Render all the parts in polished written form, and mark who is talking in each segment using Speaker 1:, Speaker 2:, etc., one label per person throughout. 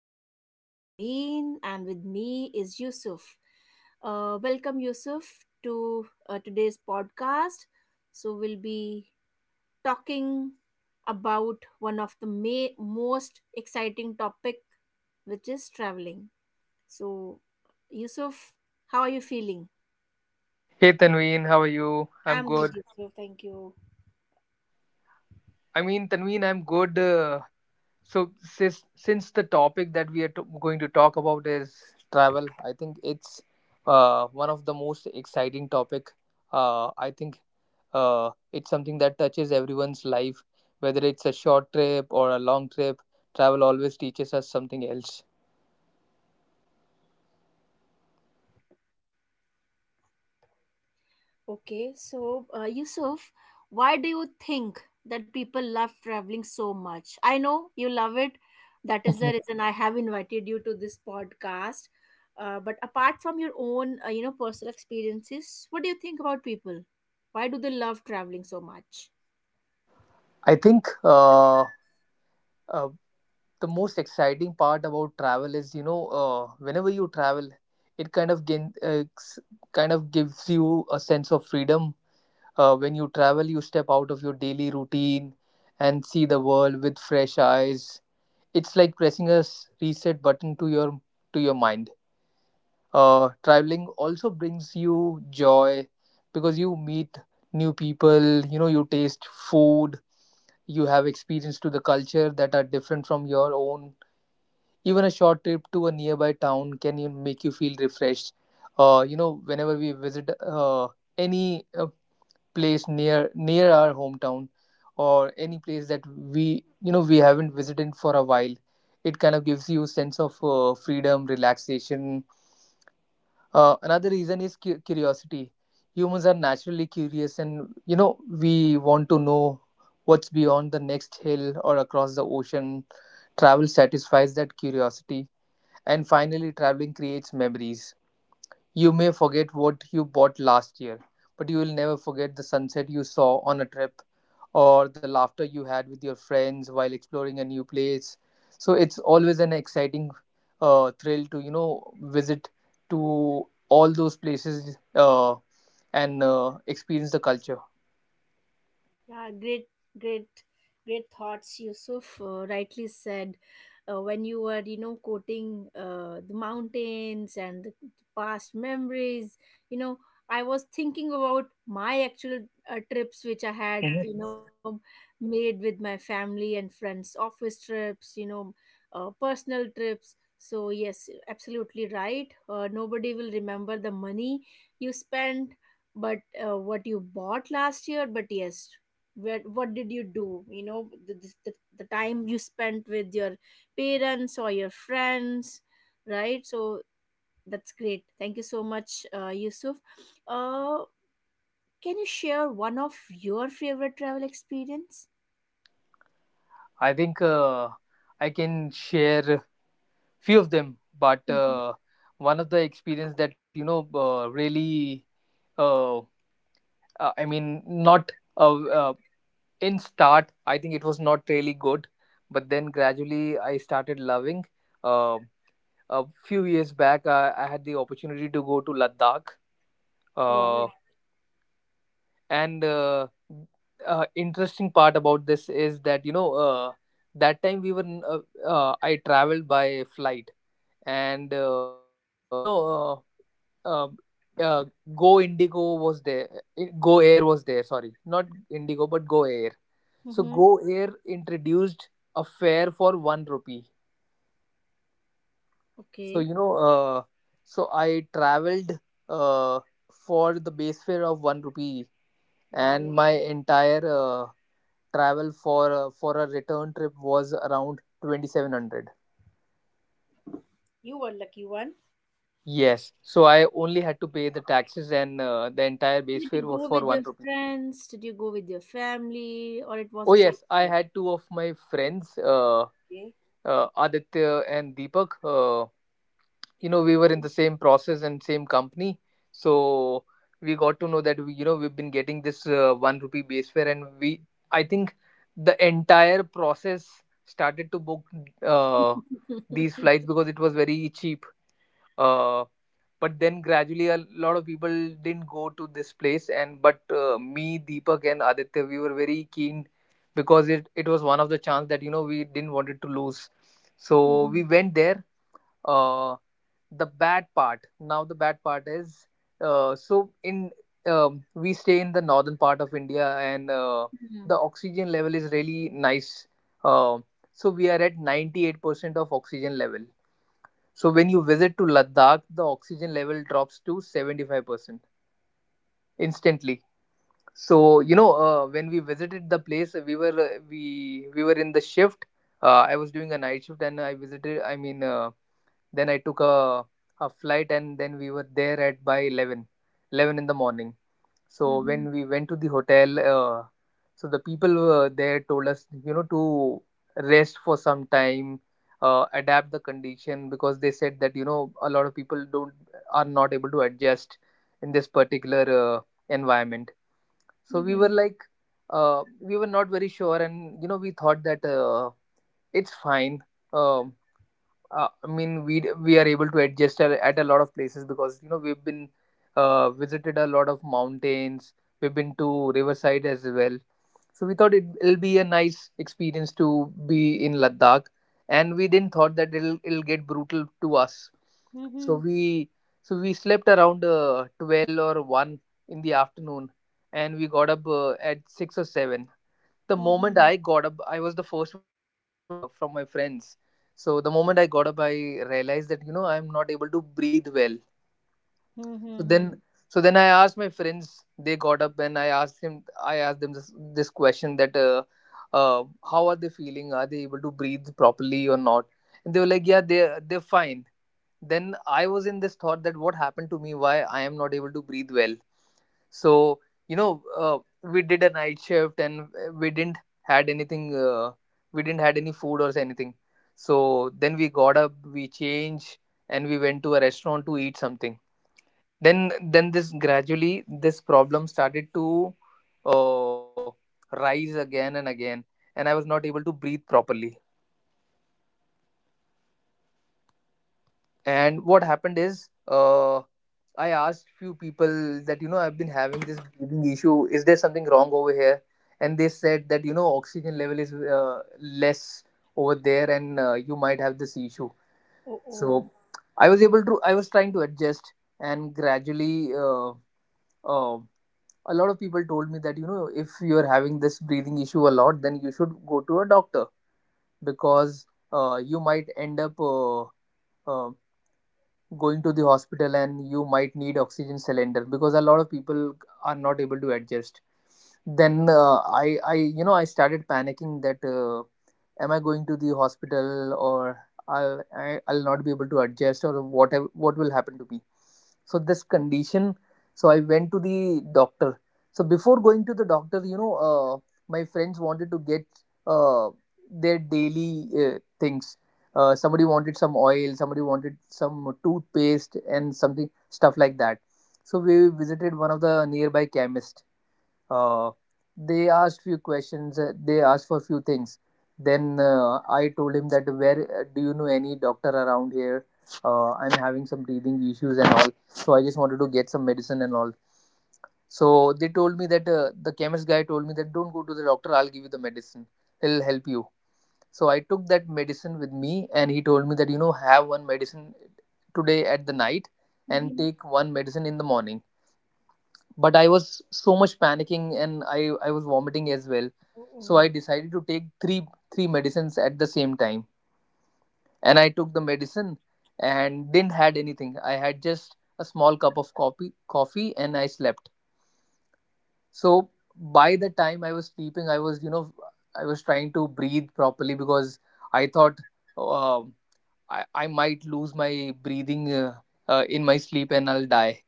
Speaker 1: I am Tanveen, and with me is Yusuf. Welcome, Yusuf, to today's podcast. So, we'll be talking about one of the most exciting topic, which is traveling. So, Yusuf, how are you feeling?
Speaker 2: Hey Tanveen, how are you? I'm
Speaker 1: I'm good,
Speaker 2: good.
Speaker 1: Yusuf. Thank you.
Speaker 2: I mean, Tanveen, I'm good. So since the topic that we are going to talk about is travel, I think it's one of the most exciting topic. I think it's something that touches everyone's life, whether it's a short trip or a long trip. Travel always teaches us something else.
Speaker 1: Okay, so Yusuf, why do you think that people love traveling so much? I know you love it. That is the reason I have invited you to this podcast. But apart from your own, you know, personal experiences, what do you think about people? Why do they love traveling so much?
Speaker 2: I think uh, the most exciting part about travel is whenever you travel it kind of gives you a sense of freedom. When you travel, you step out of your daily routine and see the world with fresh eyes. It's like pressing a reset button to your mind. Traveling also brings you joy because you meet new people, you know, you taste food, you have experience to the culture that are different from your own. Even a short trip to a nearby town can you make you feel refreshed. You know, whenever we visit any place near our hometown or any place that we, you know, we haven't visited for a while, it kind of gives you sense of freedom, relaxation. Another reason is curiosity. Humans are naturally curious, and you know we want to know what's beyond the next hill or across the ocean. Travel satisfies that curiosity, and finally, traveling creates memories. You may forget what you bought last year, but you will never forget the sunset you saw on a trip or the laughter you had with your friends while exploring a new place. So it's always an exciting thrill to, you know, visit to all those places and experience the culture.
Speaker 1: Yeah, great, great, great thoughts, Yusuf. Rightly said. When you were, you know, quoting the mountains and the past memories, you know, I was thinking about my actual trips which I had, you know, made with my family and friends, office trips, you know, personal trips. So, yes, absolutely right. Nobody will remember the money you spent but what you bought last year, but yes, where, what did you do, you know, the time you spent with your parents or your friends, right? So that's great. Thank you so much, Yusuf. uh, can you share one of your favorite travel experience?
Speaker 2: I think I can share few of them, but
Speaker 1: Mhm.
Speaker 2: one of the experience that uh, I mean, not uh, uh, in start. I think it was not really good, but then gradually I started loving. Uh, a few years back, I had the opportunity to go to Ladakh.
Speaker 1: Wow.
Speaker 2: Uh, and interesting part about this is that that time we were I traveled by flight and you know uh, uh, uh, go indigo was there go air was there, sorry, not indigo but go air. So
Speaker 1: Mm-hmm.
Speaker 2: go air introduced a fare for 1 rupee. So
Speaker 1: Okay.
Speaker 2: so I traveled uh, for the base fare of 1 rupee,
Speaker 1: Wow,
Speaker 2: and my entire travel for a return trip was around 2700.
Speaker 1: you were lucky one.
Speaker 2: Yes, so I only had to pay the taxes, and the entire base
Speaker 1: Did you
Speaker 2: fare was
Speaker 1: go
Speaker 2: for
Speaker 1: with
Speaker 2: 1
Speaker 1: your
Speaker 2: rupee.
Speaker 1: friends, did you go with your family, or it was
Speaker 2: Oh
Speaker 1: a solo
Speaker 2: yes, I
Speaker 1: trip?
Speaker 2: had two of my friends,
Speaker 1: Okay,
Speaker 2: aditya and deepak. You know, we were in
Speaker 1: okay.
Speaker 2: the same process and same company. So we got to know that we, you know, we've been getting this 1 rupee base fare, and we, I think, the entire process started to book uh, these flights because it was very cheap. uh, but then gradually a lot of people didn't go to this place, and but me, deepak and aditya, we were very keen because it was one of the chance that you know we didn't wanted to lose. So we
Speaker 1: Mhm.
Speaker 2: went there. uh, the bad part is so in we stay in the northern part of india, and the
Speaker 1: Mhm.
Speaker 2: oxygen level is really nice. uh, so we are at 98% of oxygen level, so when you visit to Ladakh, the oxygen level drops to 75% instantly. So you know, when we visited the place, we were we were in the shift. I was doing a night shift, and I visited. I mean, then I took a flight, and then we were there at by 11, 11 in the morning. So
Speaker 1: Mhm.
Speaker 2: when we went to the hotel, so the people were there told us, you know, to rest for some time, adapt the condition, because they said that you know a lot of people don't are not able to adjust in this particular uh, environment. So we were
Speaker 1: Mhm.
Speaker 2: like, we were not very sure, and you know, we thought that it's fine. Um I mean, we are able to adjust at a lot of places because you know we've been visited a lot of mountains. We've been to Riverside as well, so we thought it'll be a nice experience to be in Ladakh, and we didn't thought that it'll get brutal to us. So
Speaker 1: Mhm.
Speaker 2: we so we slept around 12 or one in the afternoon, and we got up at six or seven. The moment
Speaker 1: Mhm.
Speaker 2: I got up, I was the first one to get up from my friends. So the moment I got up, I realized that you know I'm not able to breathe well. So then,
Speaker 1: Mhm.
Speaker 2: so then I asked my friends. They got up and I asked him. I asked them this question that uh, how are they feeling? Are they able to breathe properly or not? And they were like, yeah, they're fine. Then I was in this thought that what happened to me, why I am not able to breathe well. So you know, we did a night shift, and we didn't had anything. We didn't had any food or anything. So then we got up, we changed, and we went to a restaurant to eat something. Then this gradually this problem started to uh, rise again and again, and I was not able to breathe properly.
Speaker 1: Okay. Then
Speaker 2: And
Speaker 1: what
Speaker 2: what
Speaker 1: happened?
Speaker 2: happened is I asked few people that you know I've been having this breathing issue, is there something wrong over here. And they said that you know oxygen level is less over there, and you might have this issue.
Speaker 1: Oh, oh.
Speaker 2: So I was able to, I was trying to adjust, and gradually uh, a lot of people told me that you know if you're having this breathing issue a lot, then you should go to a doctor because you might end up uh, going to the hospital, and you might need oxygen cylinder because a lot of people are not able to adjust. Then I you know I started panicking that am I going to the hospital, or I'll not be able to adjust, or what what will happen to me. So this condition. So I went to the doctor. So before going to the doctor, you know, my friends wanted to get uh, their daily things. Somebody wanted some oil, somebody wanted some toothpaste and something stuff like that. So we visited one of the nearby chemist. uh, they asked few questions, they asked for few things. Then I told him that, where do you know any doctor around here? I'm having some breathing issues and all, so I just wanted to get some medicine and all. So they told me that the chemist guy told me that, don't go to the doctor, I'll give you the medicine, he'll help you. So I took that medicine with me, and he told me that you know have one medicine today at the night and
Speaker 1: Mm-hmm.
Speaker 2: take one medicine in the morning. But I was so much panicking, and i was vomiting as well. So I
Speaker 1: Oh,
Speaker 2: decided to take three medicines at the same time, and I took the medicine, and didn't had anything. I had just a small cup of coffee and I slept. So by the time I was sleeping, I was, you know, I was trying to breathe properly because I thought, um I might lose my breathing in my sleep, and I'll die.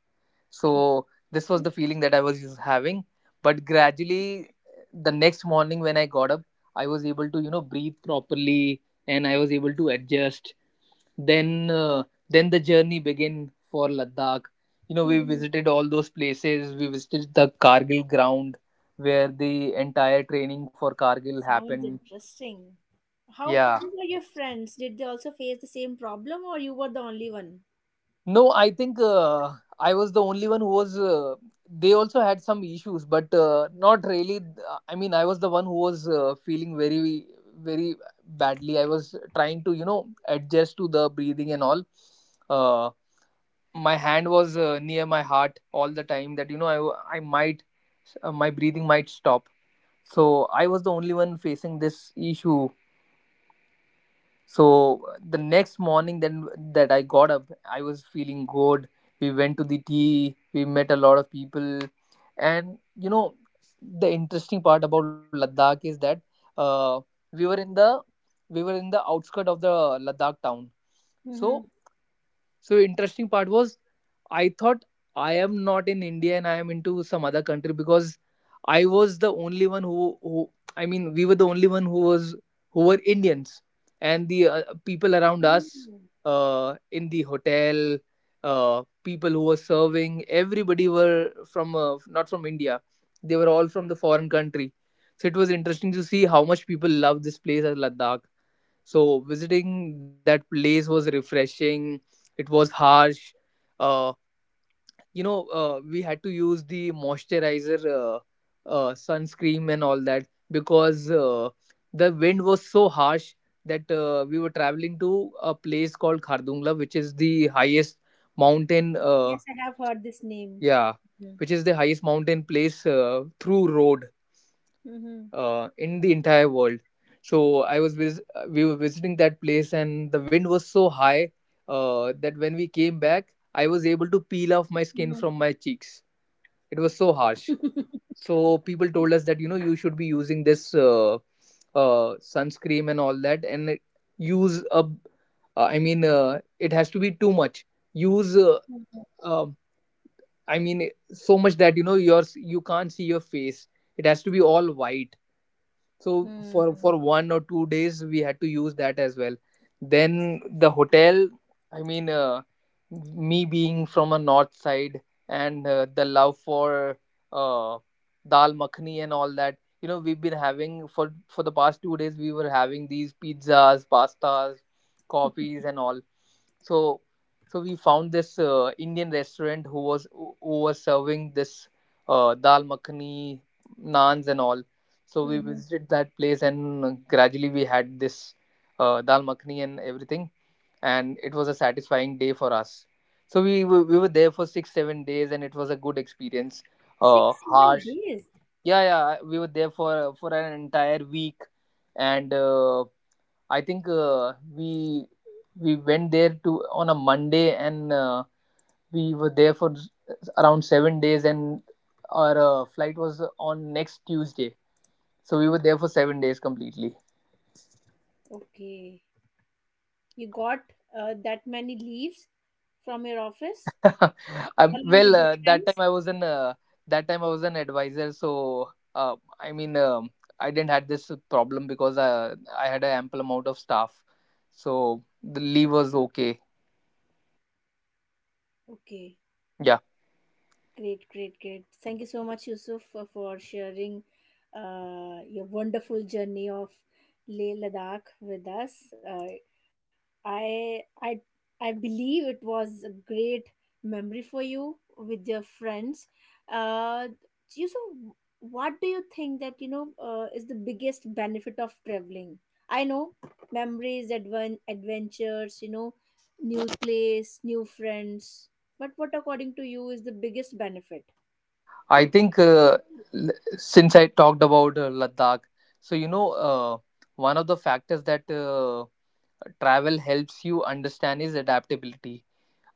Speaker 1: oh.
Speaker 2: So this was the feeling that I was just having. But gradually, the next morning when I got up, I was able to you know breathe properly, and I was able to adjust. Then then the journey began for Ladakh. You know, we
Speaker 1: Mhm.
Speaker 2: visited all those places. We visited the Kargil ground where the entire training for Kargil
Speaker 1: Sounds
Speaker 2: happened.
Speaker 1: interesting. How
Speaker 2: Yeah,
Speaker 1: were your friends? Did they also face the same problem or you were the only one?
Speaker 2: no, I think I was the only one who was. They also had some issues, but not really. I mean, I was the one who was feeling very, very badly. I was trying to, you know, adjust to the breathing and all. Uh, my hand was near my heart all the time. That you know, I might, my breathing might stop. So I was the only one facing this issue. So the next morning, then, that I got up, I was feeling good. We went to the tea, we met a lot of people, and the interesting part about Ladakh is that uh, we were in the we were in the outskirt of the Ladakh town. so
Speaker 1: Mhm.
Speaker 2: so interesting part was, I thought I am not in India and I am into some other country because I was the only one who I mean, we were the only one who was, who were Indians. And the people around us,
Speaker 1: Mm.
Speaker 2: in the hotel, people who were serving everybody were from, not from India. They were all from the foreign country. So it was interesting to see how much people love this place as Ladakh. So visiting that place was refreshing. It was harsh. Uh, we had to use the moisturizer, sunscreen, and all that because the wind was so harsh. That We were traveling to a place called Khardungla, which is the highest mountain.
Speaker 1: Yes, I have heard this name.
Speaker 2: Yeah,
Speaker 1: Mhm.
Speaker 2: which is the highest mountain place through road
Speaker 1: Mhm.
Speaker 2: in the entire world. So we were visiting that place, and the wind was so high that when we came back, I was able to peel off my
Speaker 1: Mhm.
Speaker 2: skin from my cheeks. It was so harsh. So people told us that you should be using this sunscreen and all that, and it- use a. I mean, it has to be too much. Use. Um I mean, so much that your, you can't see your face. It has to be all white. So
Speaker 1: Mhm.
Speaker 2: for 1 or 2 days we had to use that as well. Then the hotel, i mean uh, me being from a north side, and the love for uh, dal makhani and all that, we've been having, for the past 2 days we were having these pizzas, pastas, coffees and all. So so we found this Indian restaurant who was, who was serving this dal makhani, naans and all. So we
Speaker 1: Mhm.
Speaker 2: visited that place, and gradually we had this dal makhni and everything, and it was a satisfying day for us. We were there for 6 7 days, and it was a good experience.
Speaker 1: Six, seven
Speaker 2: Harsh,
Speaker 1: days.
Speaker 2: yeah, yeah. We were there for an entire week, and I think we we went there to, on a Monday, and we were there for around 7 days, and our flight was on next Tuesday, so we were there for 7 days completely.
Speaker 1: Okay. You got that many leaves from your office? Along
Speaker 2: Well,
Speaker 1: with your friends.
Speaker 2: that time I was an advisor, so I mean, I didn't had this problem because I had an ample amount of staff, so the leave was okay.
Speaker 1: Okay,
Speaker 2: Yeah,
Speaker 1: great, great, great. Thank you so much, Yusuf, for sharing your wonderful journey of Leh Ladakh with us. I I I believe it was a great memory for you with your friends. Uh, you so what do you think that you know is the biggest benefit of traveling? I know memories, adventures, you know, new place, new friends. But what according to you is the biggest benefit?
Speaker 2: I think l- since I talked about Ladakh, so one of the factors that travel helps you understand is adaptability.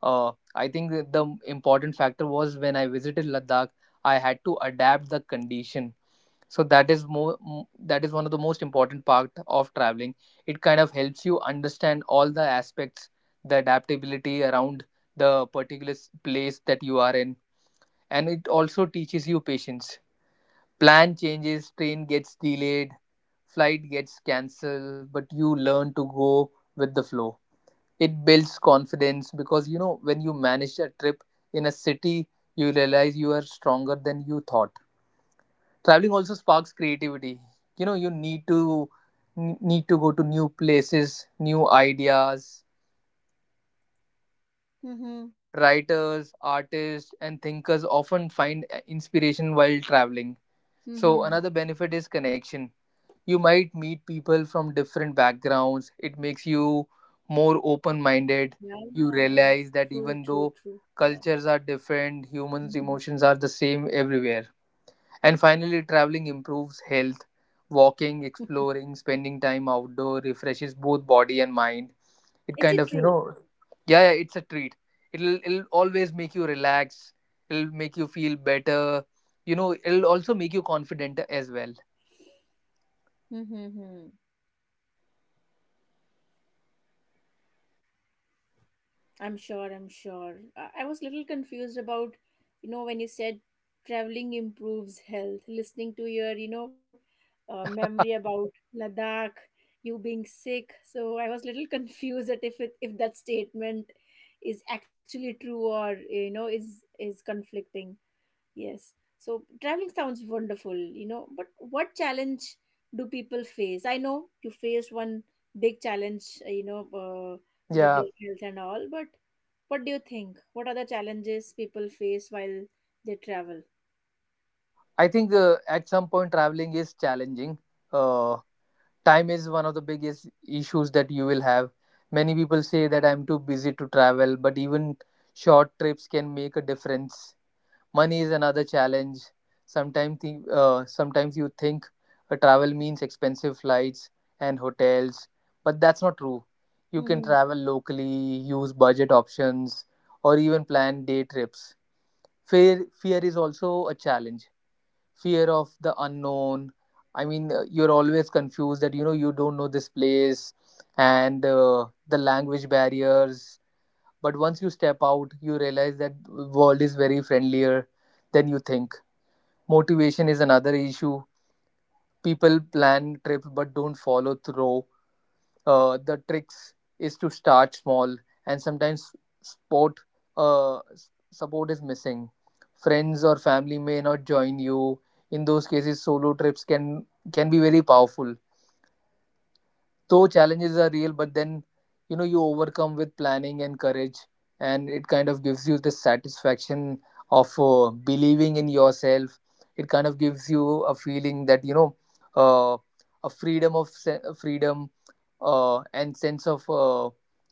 Speaker 2: I think that the important factor was when I visited Ladakh, I had to adapt the condition. So that is that is one of the most important part of traveling. It kind of helps you understand all the aspects, the adaptability around the place that you are in, and it also teaches you patience. Plan changes, train gets delayed, flight gets cancelled, but you learn to go with the flow. It builds confidence because when you manage a trip in a city, you realize you are stronger than you thought. Traveling also sparks creativity. You need to need to go to new places, new ideas.
Speaker 1: Mm-hmm.
Speaker 2: Writers, artists and thinkers often find inspiration while traveling. So
Speaker 1: Mm-hmm.
Speaker 2: another benefit is connection. You might meet people from different backgrounds. It makes
Speaker 1: Yeah.
Speaker 2: you
Speaker 1: True.
Speaker 2: more
Speaker 1: True.
Speaker 2: open
Speaker 1: True.
Speaker 2: minded.
Speaker 1: Yeah.
Speaker 2: You realize that even though cultures
Speaker 1: Mm-hmm.
Speaker 2: are different, humans emotions are the same everywhere. And finally, traveling improves health. Walking, exploring, spending time outdoor refreshes both body and mind. It
Speaker 1: Is
Speaker 2: kind
Speaker 1: it
Speaker 2: of,
Speaker 1: true?
Speaker 2: yeah, yeah, it's a treat. It'll always make you relax. It'll make you feel better. It'll also make you confident as well.
Speaker 1: Mm-hmm. I'm sure, I'm sure. I was little confused about, you know, when you said traveling improves health, listening to your, you know, memory about Ladakh, you being sick. So I was little confused that if it, if that statement is actually true or, you know, is conflicting. Yes. So traveling sounds wonderful, you know, but what challenge do people face? I know you faced one big challenge, you know, with
Speaker 2: Yeah,
Speaker 1: your health and all, but what do you think? What are the challenges people face while they travel?
Speaker 2: I think at some point traveling is challenging. Uh, time is one of the biggest issues that you will have. Many people say that I'm too busy to travel, but even short trips can make a difference. Money is another challenge. Sometimes you think a travel means expensive flights and hotels, but that's not true. You can
Speaker 1: Mm-hmm.
Speaker 2: travel locally, use budget options, or even plan day trips. Fear is also a challenge, fear of the unknown. You're always confused that you don't know this place, and the language barriers. But once you step out, you realize that world is very friendlier than you think. Motivation is another issue. People plan trips but don't follow through. The tricks is to start small. And sometimes support, support is missing. Friends or family may not join you. In those cases, solo trips can be very powerful. Though challenges are real, but then you overcome with planning and courage. And it kind of gives you the satisfaction of believing in yourself. It kind of gives you a feeling that uh, a freedom of freedom, and sense of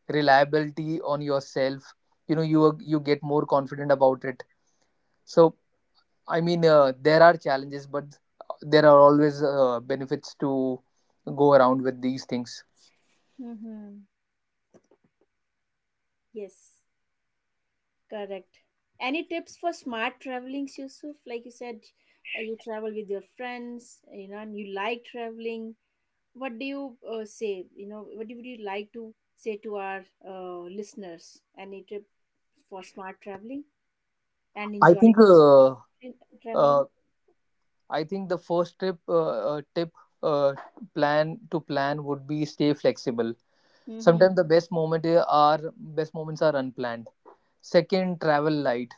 Speaker 2: reliability on yourself. You get more confident about it. So, there are challenges, but there are always benefits to go around with these things.
Speaker 1: Mm-hmm. Yes, correct. Any tips for smart traveling, Yusuf? Like you said, you travel with your friends, you know, and you like traveling. What do you say, you know, what do- would you like to say to our listeners? Any trip for smart traveling and
Speaker 2: I
Speaker 1: enjoy
Speaker 2: think uh, uh,
Speaker 1: traveling.
Speaker 2: I think the first tip, uh, plan would be, stay flexible.
Speaker 1: Mm-hmm.
Speaker 2: Sometimes the are best moments are unplanned. Second, travel light.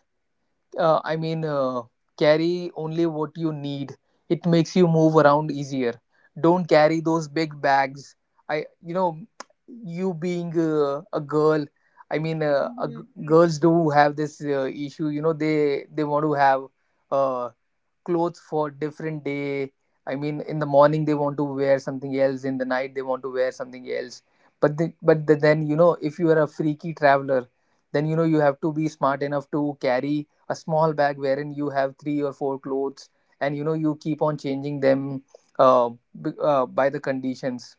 Speaker 2: I mean, carry only what you need. It makes you move around easier. Don't carry those big bags. I You being a girl. I mean,
Speaker 1: Mm-hmm.
Speaker 2: girls do have this issue. You know, they want to have uh, clothes for different day. In the morning they want to wear something else, in the night they want to wear something else. But then if you are a freaky traveler, then you have to be smart enough to carry a small bag wherein you have three or four clothes, and you keep on changing them, uh, by the conditions.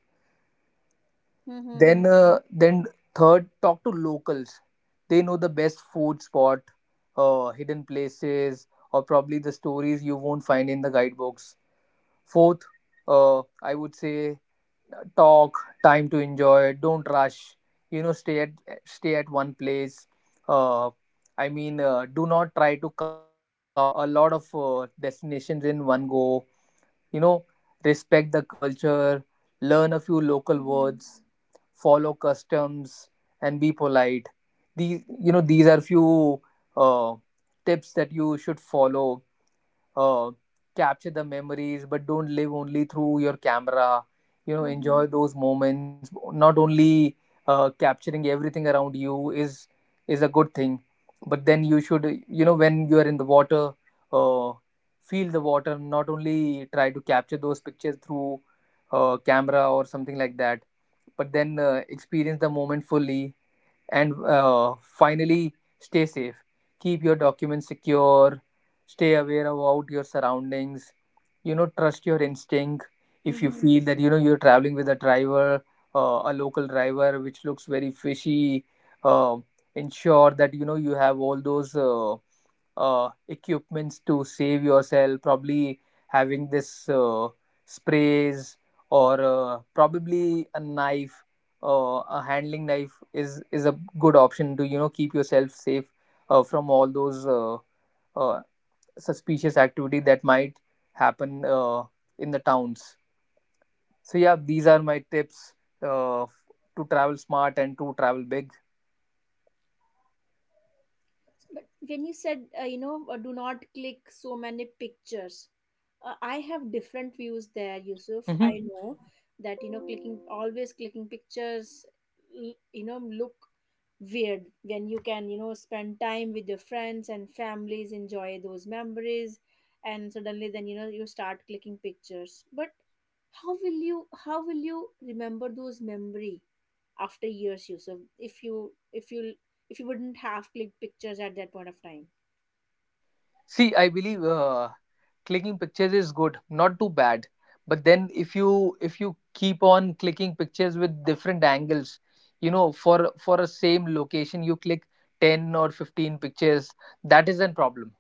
Speaker 1: Mm-hmm.
Speaker 2: Then then third, talk to locals. They know the best food spot, hidden places, or probably the stories you won't find in the guidebooks. Fourth, I would say time to enjoy, don't rush. You know, stay at one place. Uh, I mean, do not try to cover a lot of destinations in one go. You know, respect the culture, learn a few local words, follow customs, and be polite. These are few uh, tips that you should follow. uh, Capture the memories, but don't live only through your camera.
Speaker 1: Mm-hmm.
Speaker 2: Enjoy those moments. Not only capturing everything around you is a good thing, but then you should, when you are in the water, uh, feel the water, not only try to capture those pictures through camera or something like that, but then experience the moment fully. And finally, stay safe. Keep your documents secure. Stay aware about your surroundings. You know, trust your instinct. If you
Speaker 1: Mm-hmm.
Speaker 2: feel that you're traveling with a driver, a local driver which looks very fishy, uh, ensure that you have all those. Equipments to save yourself, probably having this sprays or probably a knife, a handling knife is a good option to keep yourself safe from all those uh, suspicious activity that might happen in the towns. So yeah, these are my tips, uh, f- to travel smart and to travel big.
Speaker 1: But when you said, you know, do not click so many pictures, I have different views there, Yusuf.
Speaker 2: Mhm.
Speaker 1: I know that, you know, clicking, always clicking pictures, you know, look weird when you can, you know, spend time with your friends and families, enjoy those memories, and suddenly then, you know, you start clicking pictures. But how will you remember those memory after years, Yusuf, if you, if you wouldn't have clicked pictures at that point of time.
Speaker 2: See, I believe clicking pictures is good, not too bad. But then if you keep on clicking pictures with different angles, you know, for a same location, you click 10 or 15 pictures, that is a problem.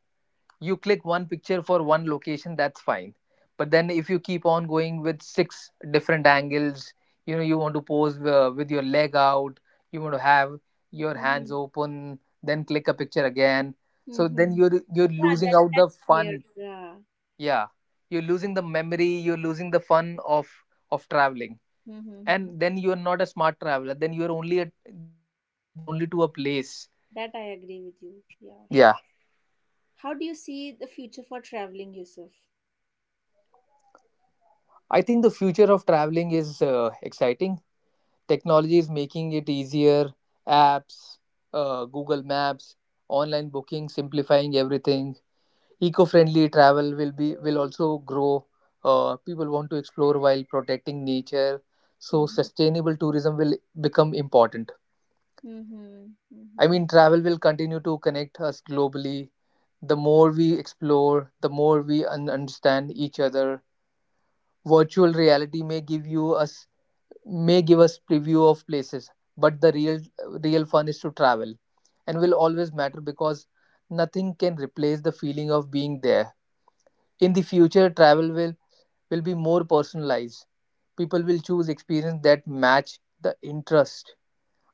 Speaker 2: You click one picture for one location, that's fine. But then if you keep on going with six different angles, you want to pose with your leg out, you want to have your hands
Speaker 1: Hmm.
Speaker 2: open, then click a picture again. So
Speaker 1: Mm-hmm.
Speaker 2: then you're
Speaker 1: Yeah,
Speaker 2: losing
Speaker 1: that
Speaker 2: out the
Speaker 1: that's weird.
Speaker 2: fun.
Speaker 1: Yeah.
Speaker 2: Yeah, you're losing the fun of traveling.
Speaker 1: Mm-hmm.
Speaker 2: And then you're not a smart traveler, then you want to travel only to a place.
Speaker 1: That I agree with you. Yeah.
Speaker 2: Yeah,
Speaker 1: How do you see the future for traveling, Yusuf?
Speaker 2: I think the future of traveling is exciting. Technology is making it easier. Apps, Google Maps, online booking, simplifying everything. Eco-friendly travel will be, will also grow. People want to explore while protecting nature, so
Speaker 1: Mm-hmm.
Speaker 2: sustainable tourism will become important.
Speaker 1: Mm-hmm.
Speaker 2: I
Speaker 1: Mm-hmm.
Speaker 2: mean, travel will continue to connect us globally. The more we explore, the more we understand each other. Virtual reality may give us preview of places, but the real fun is to travel and will always matter because nothing can replace the feeling of being there. In the future, travel will be more personalized. People will choose experience that match the interest,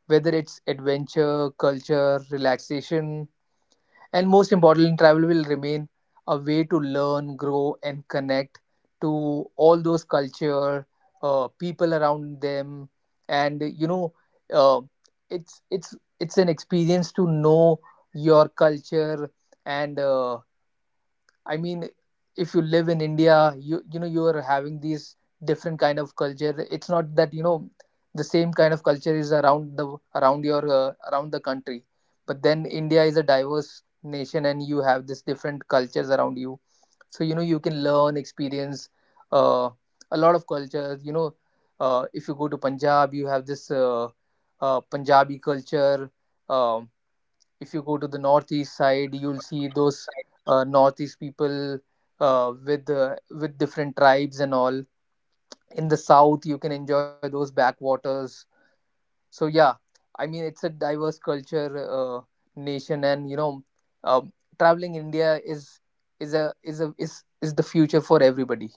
Speaker 2: whether it's adventure, culture, relaxation. And most importantly, travel will remain a way to learn, grow, and connect to all those culture, people around them, and uh, it's an experience to know your culture. and uh, I mean, if you live in India, you know you are having these different kind of culture. It's not that you know the same kind of culture is around the around the country, but then India is a diverse nation and you have this different cultures around you. So you know you can learn, experience uh, a lot of cultures. You know, if you go to Punjab, you have this Punjabi culture. Um if you go to the northeast side, you'll see those northeast people with different tribes and all. In the south, you can enjoy those backwaters. So yeah, I mean, it's a diverse culture, uh, nation, and you know, um, traveling india is is the future for everybody.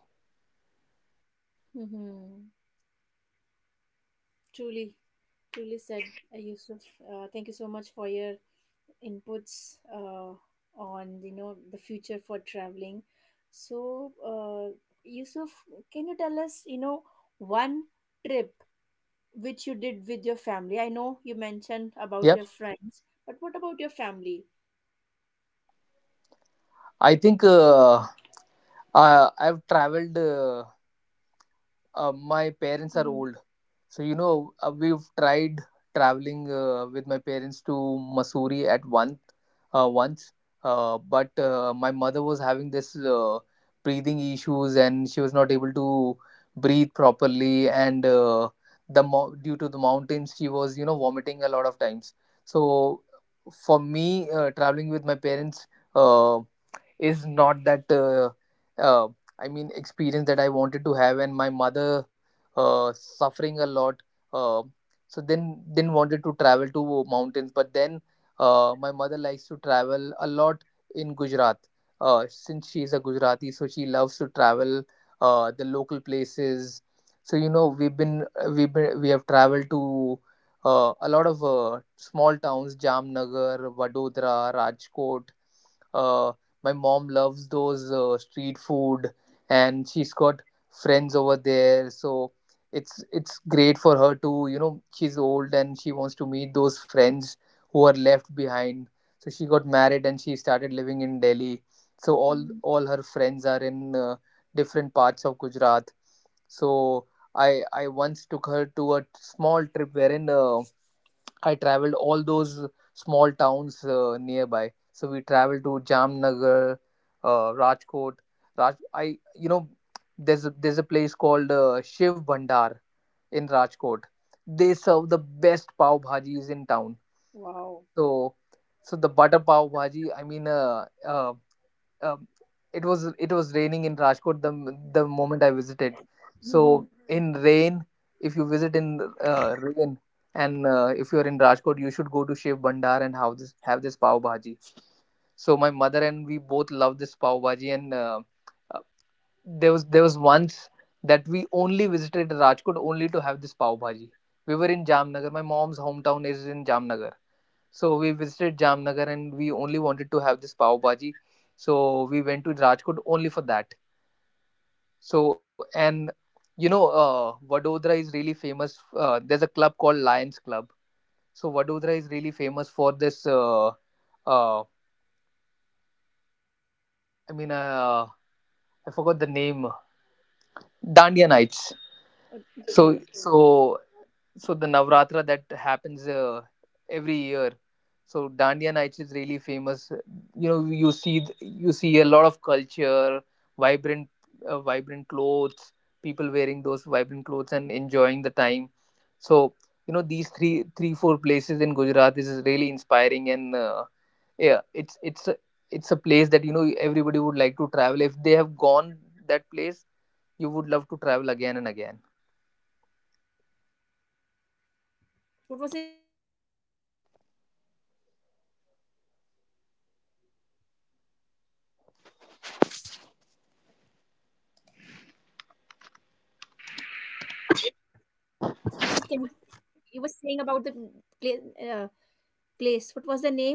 Speaker 1: Mm-hmm. Truly, truly said, Yusuf. Thank you so much for your inputs on you know the future for traveling. So, Yusuf, can you tell us, you know, one trip which you did with your family? I know you mentioned about
Speaker 2: Yeah,
Speaker 1: your friends, but what about your family?
Speaker 2: I think I've traveled. My parents are
Speaker 1: Mm-hmm.
Speaker 2: old. So, you know, we've tried traveling with my parents to Missouri at one once, but my mother was having this breathing issues and she was not able to breathe properly. And due to the mountains, she was, you know, vomiting a lot of times. So, for me, traveling with my parents. Uh, is not that uh, I mean, experience that I wanted to have, and my mother suffering a lot. uh, so then wanted to travel to mountains, but then my mother likes to travel a lot in gujarat, since she is a gujarati, so she loves to travel the local places. So you know we have traveled to a lot of small towns, jamnagar, vadodara, rajkot. uh, my mom loves those street food, and she's got friends over there, so it's great for her to, you know, she's old and she wants to meet those friends who are left behind. So she got married and she started living in Delhi. So
Speaker 1: Mhm.
Speaker 2: all her friends are in different parts of Gujarat. So I once took her to a small trip, wherein I traveled all those small towns nearby. So we traveled to Jamnagar, Rajkot. I you know, there's a place called Shiv Bandar in Rajkot. They serve the best pav bhajis in town.
Speaker 1: Wow.
Speaker 2: So the butter pav bhaji. I mean, um, it was raining in Rajkot the moment I visited. So
Speaker 1: Mm-hmm.
Speaker 2: in rain, if you visit in rain, and if you are in Rajkot, you should go to Shiv Bandar and have this pav bhaji. So my mother and we both love this pav bhaji, and uh, there was once that we only visited Rajkot only to have this pav bhaji. We were in Jamnagar. My mom's hometown is in Jamnagar. So we visited Jamnagar and we only wanted to have this pav bhaji. So we went to Rajkot only for that. So and you know Vadodara is really famous. There's a club called Lions Club. So Vadodara is really famous for this. Uh, I mean, uh, I forgot the name. Dandiya Nights. So
Speaker 1: Okay.
Speaker 2: so so the Navratra that happens every year. So Dandiya Nights is really famous. You know, you see you see a lot of culture, vibrant, vibrant clothes, people wearing those vibrant clothes and enjoying the time. So you know these three four places in Gujarat is really inspiring, and yeah, it's a place that you know everybody would like to travel if they have gone that place. You would love to travel again and again.
Speaker 1: What was the name of the place? Sorry, Yusuf. Uh, What was the name of the place? Yusuf, can you? You were saying about the pla- uh, place. What was the name?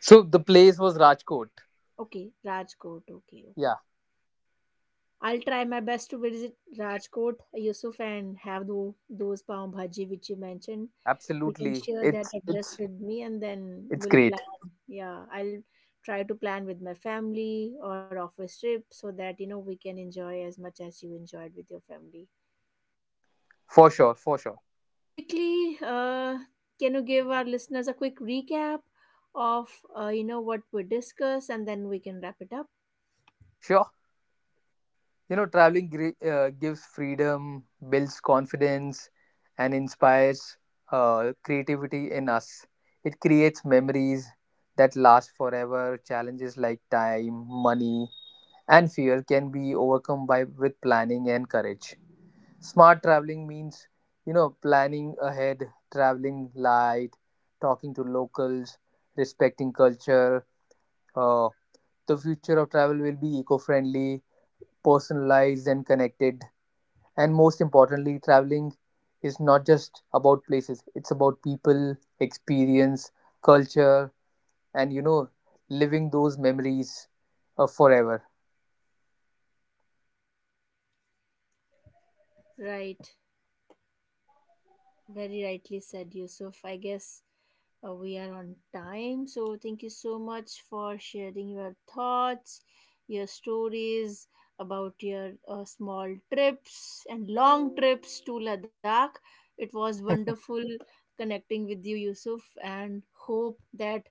Speaker 2: So the place was Rajkot.
Speaker 1: Okay, Rajkot. Okay,
Speaker 2: Yeah.
Speaker 1: okay. I'll try my best to visit Rajkot, Yusuf, and have those pav bhaji which you mentioned. You can
Speaker 2: Absolutely,
Speaker 1: share that
Speaker 2: it's
Speaker 1: address
Speaker 2: it's
Speaker 1: with me and then
Speaker 2: it's
Speaker 1: we'll
Speaker 2: great
Speaker 1: plan. Yeah, I'll try to plan with my family or office trip so that, you know, we can enjoy as much as you enjoyed with your family. Yeah.
Speaker 2: for sure, for
Speaker 1: Okay.
Speaker 2: sure.
Speaker 1: Quickly, can you give our listeners a quick recap of, you know, what we discussed and then we can wrap it up?
Speaker 2: Sure, you know, traveling gives freedom, builds confidence, and inspires creativity in us. It creates memories that last forever. Challenges like time, money, and fear can be overcome by with planning and courage. Smart traveling means you know planning ahead, traveling light, talking to locals, respecting culture. Uh, the future of travel will be eco friendly, personalized, and connected. And most importantly, traveling is not just about places, it's about people, experience, culture, and you know, living those memories forever.
Speaker 1: Right. Very rightly said, Yusuf. I guess we are on time. So, thank you so much for sharing your thoughts, your stories about your small trips and long trips to Ladakh. It was wonderful connecting with you, Yusuf, and hope that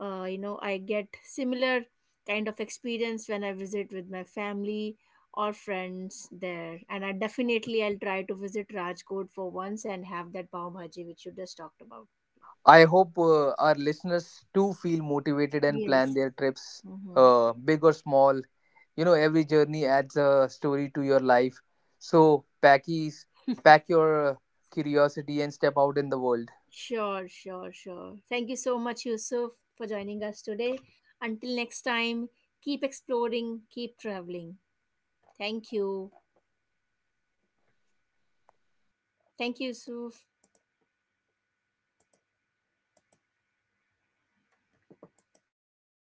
Speaker 1: you know I get similar kind of experience when I visit with my family or friends there, and I definitely I'll try to visit Rajkot for once and have that pav bhaji which you just talked about.
Speaker 2: I hope our listeners too feel motivated and
Speaker 1: Yeah.
Speaker 2: plan
Speaker 1: Yes.
Speaker 2: their trips,
Speaker 1: Mm-hmm.
Speaker 2: big or small. You know, every journey adds a story to your life. So, packies, pack your curiosity and step out in the world.
Speaker 1: Sure, sure, sure. Thank you so much, Yusuf, for joining us today. Until next time, keep exploring, keep traveling. Thank you. Thank you, Yusuf.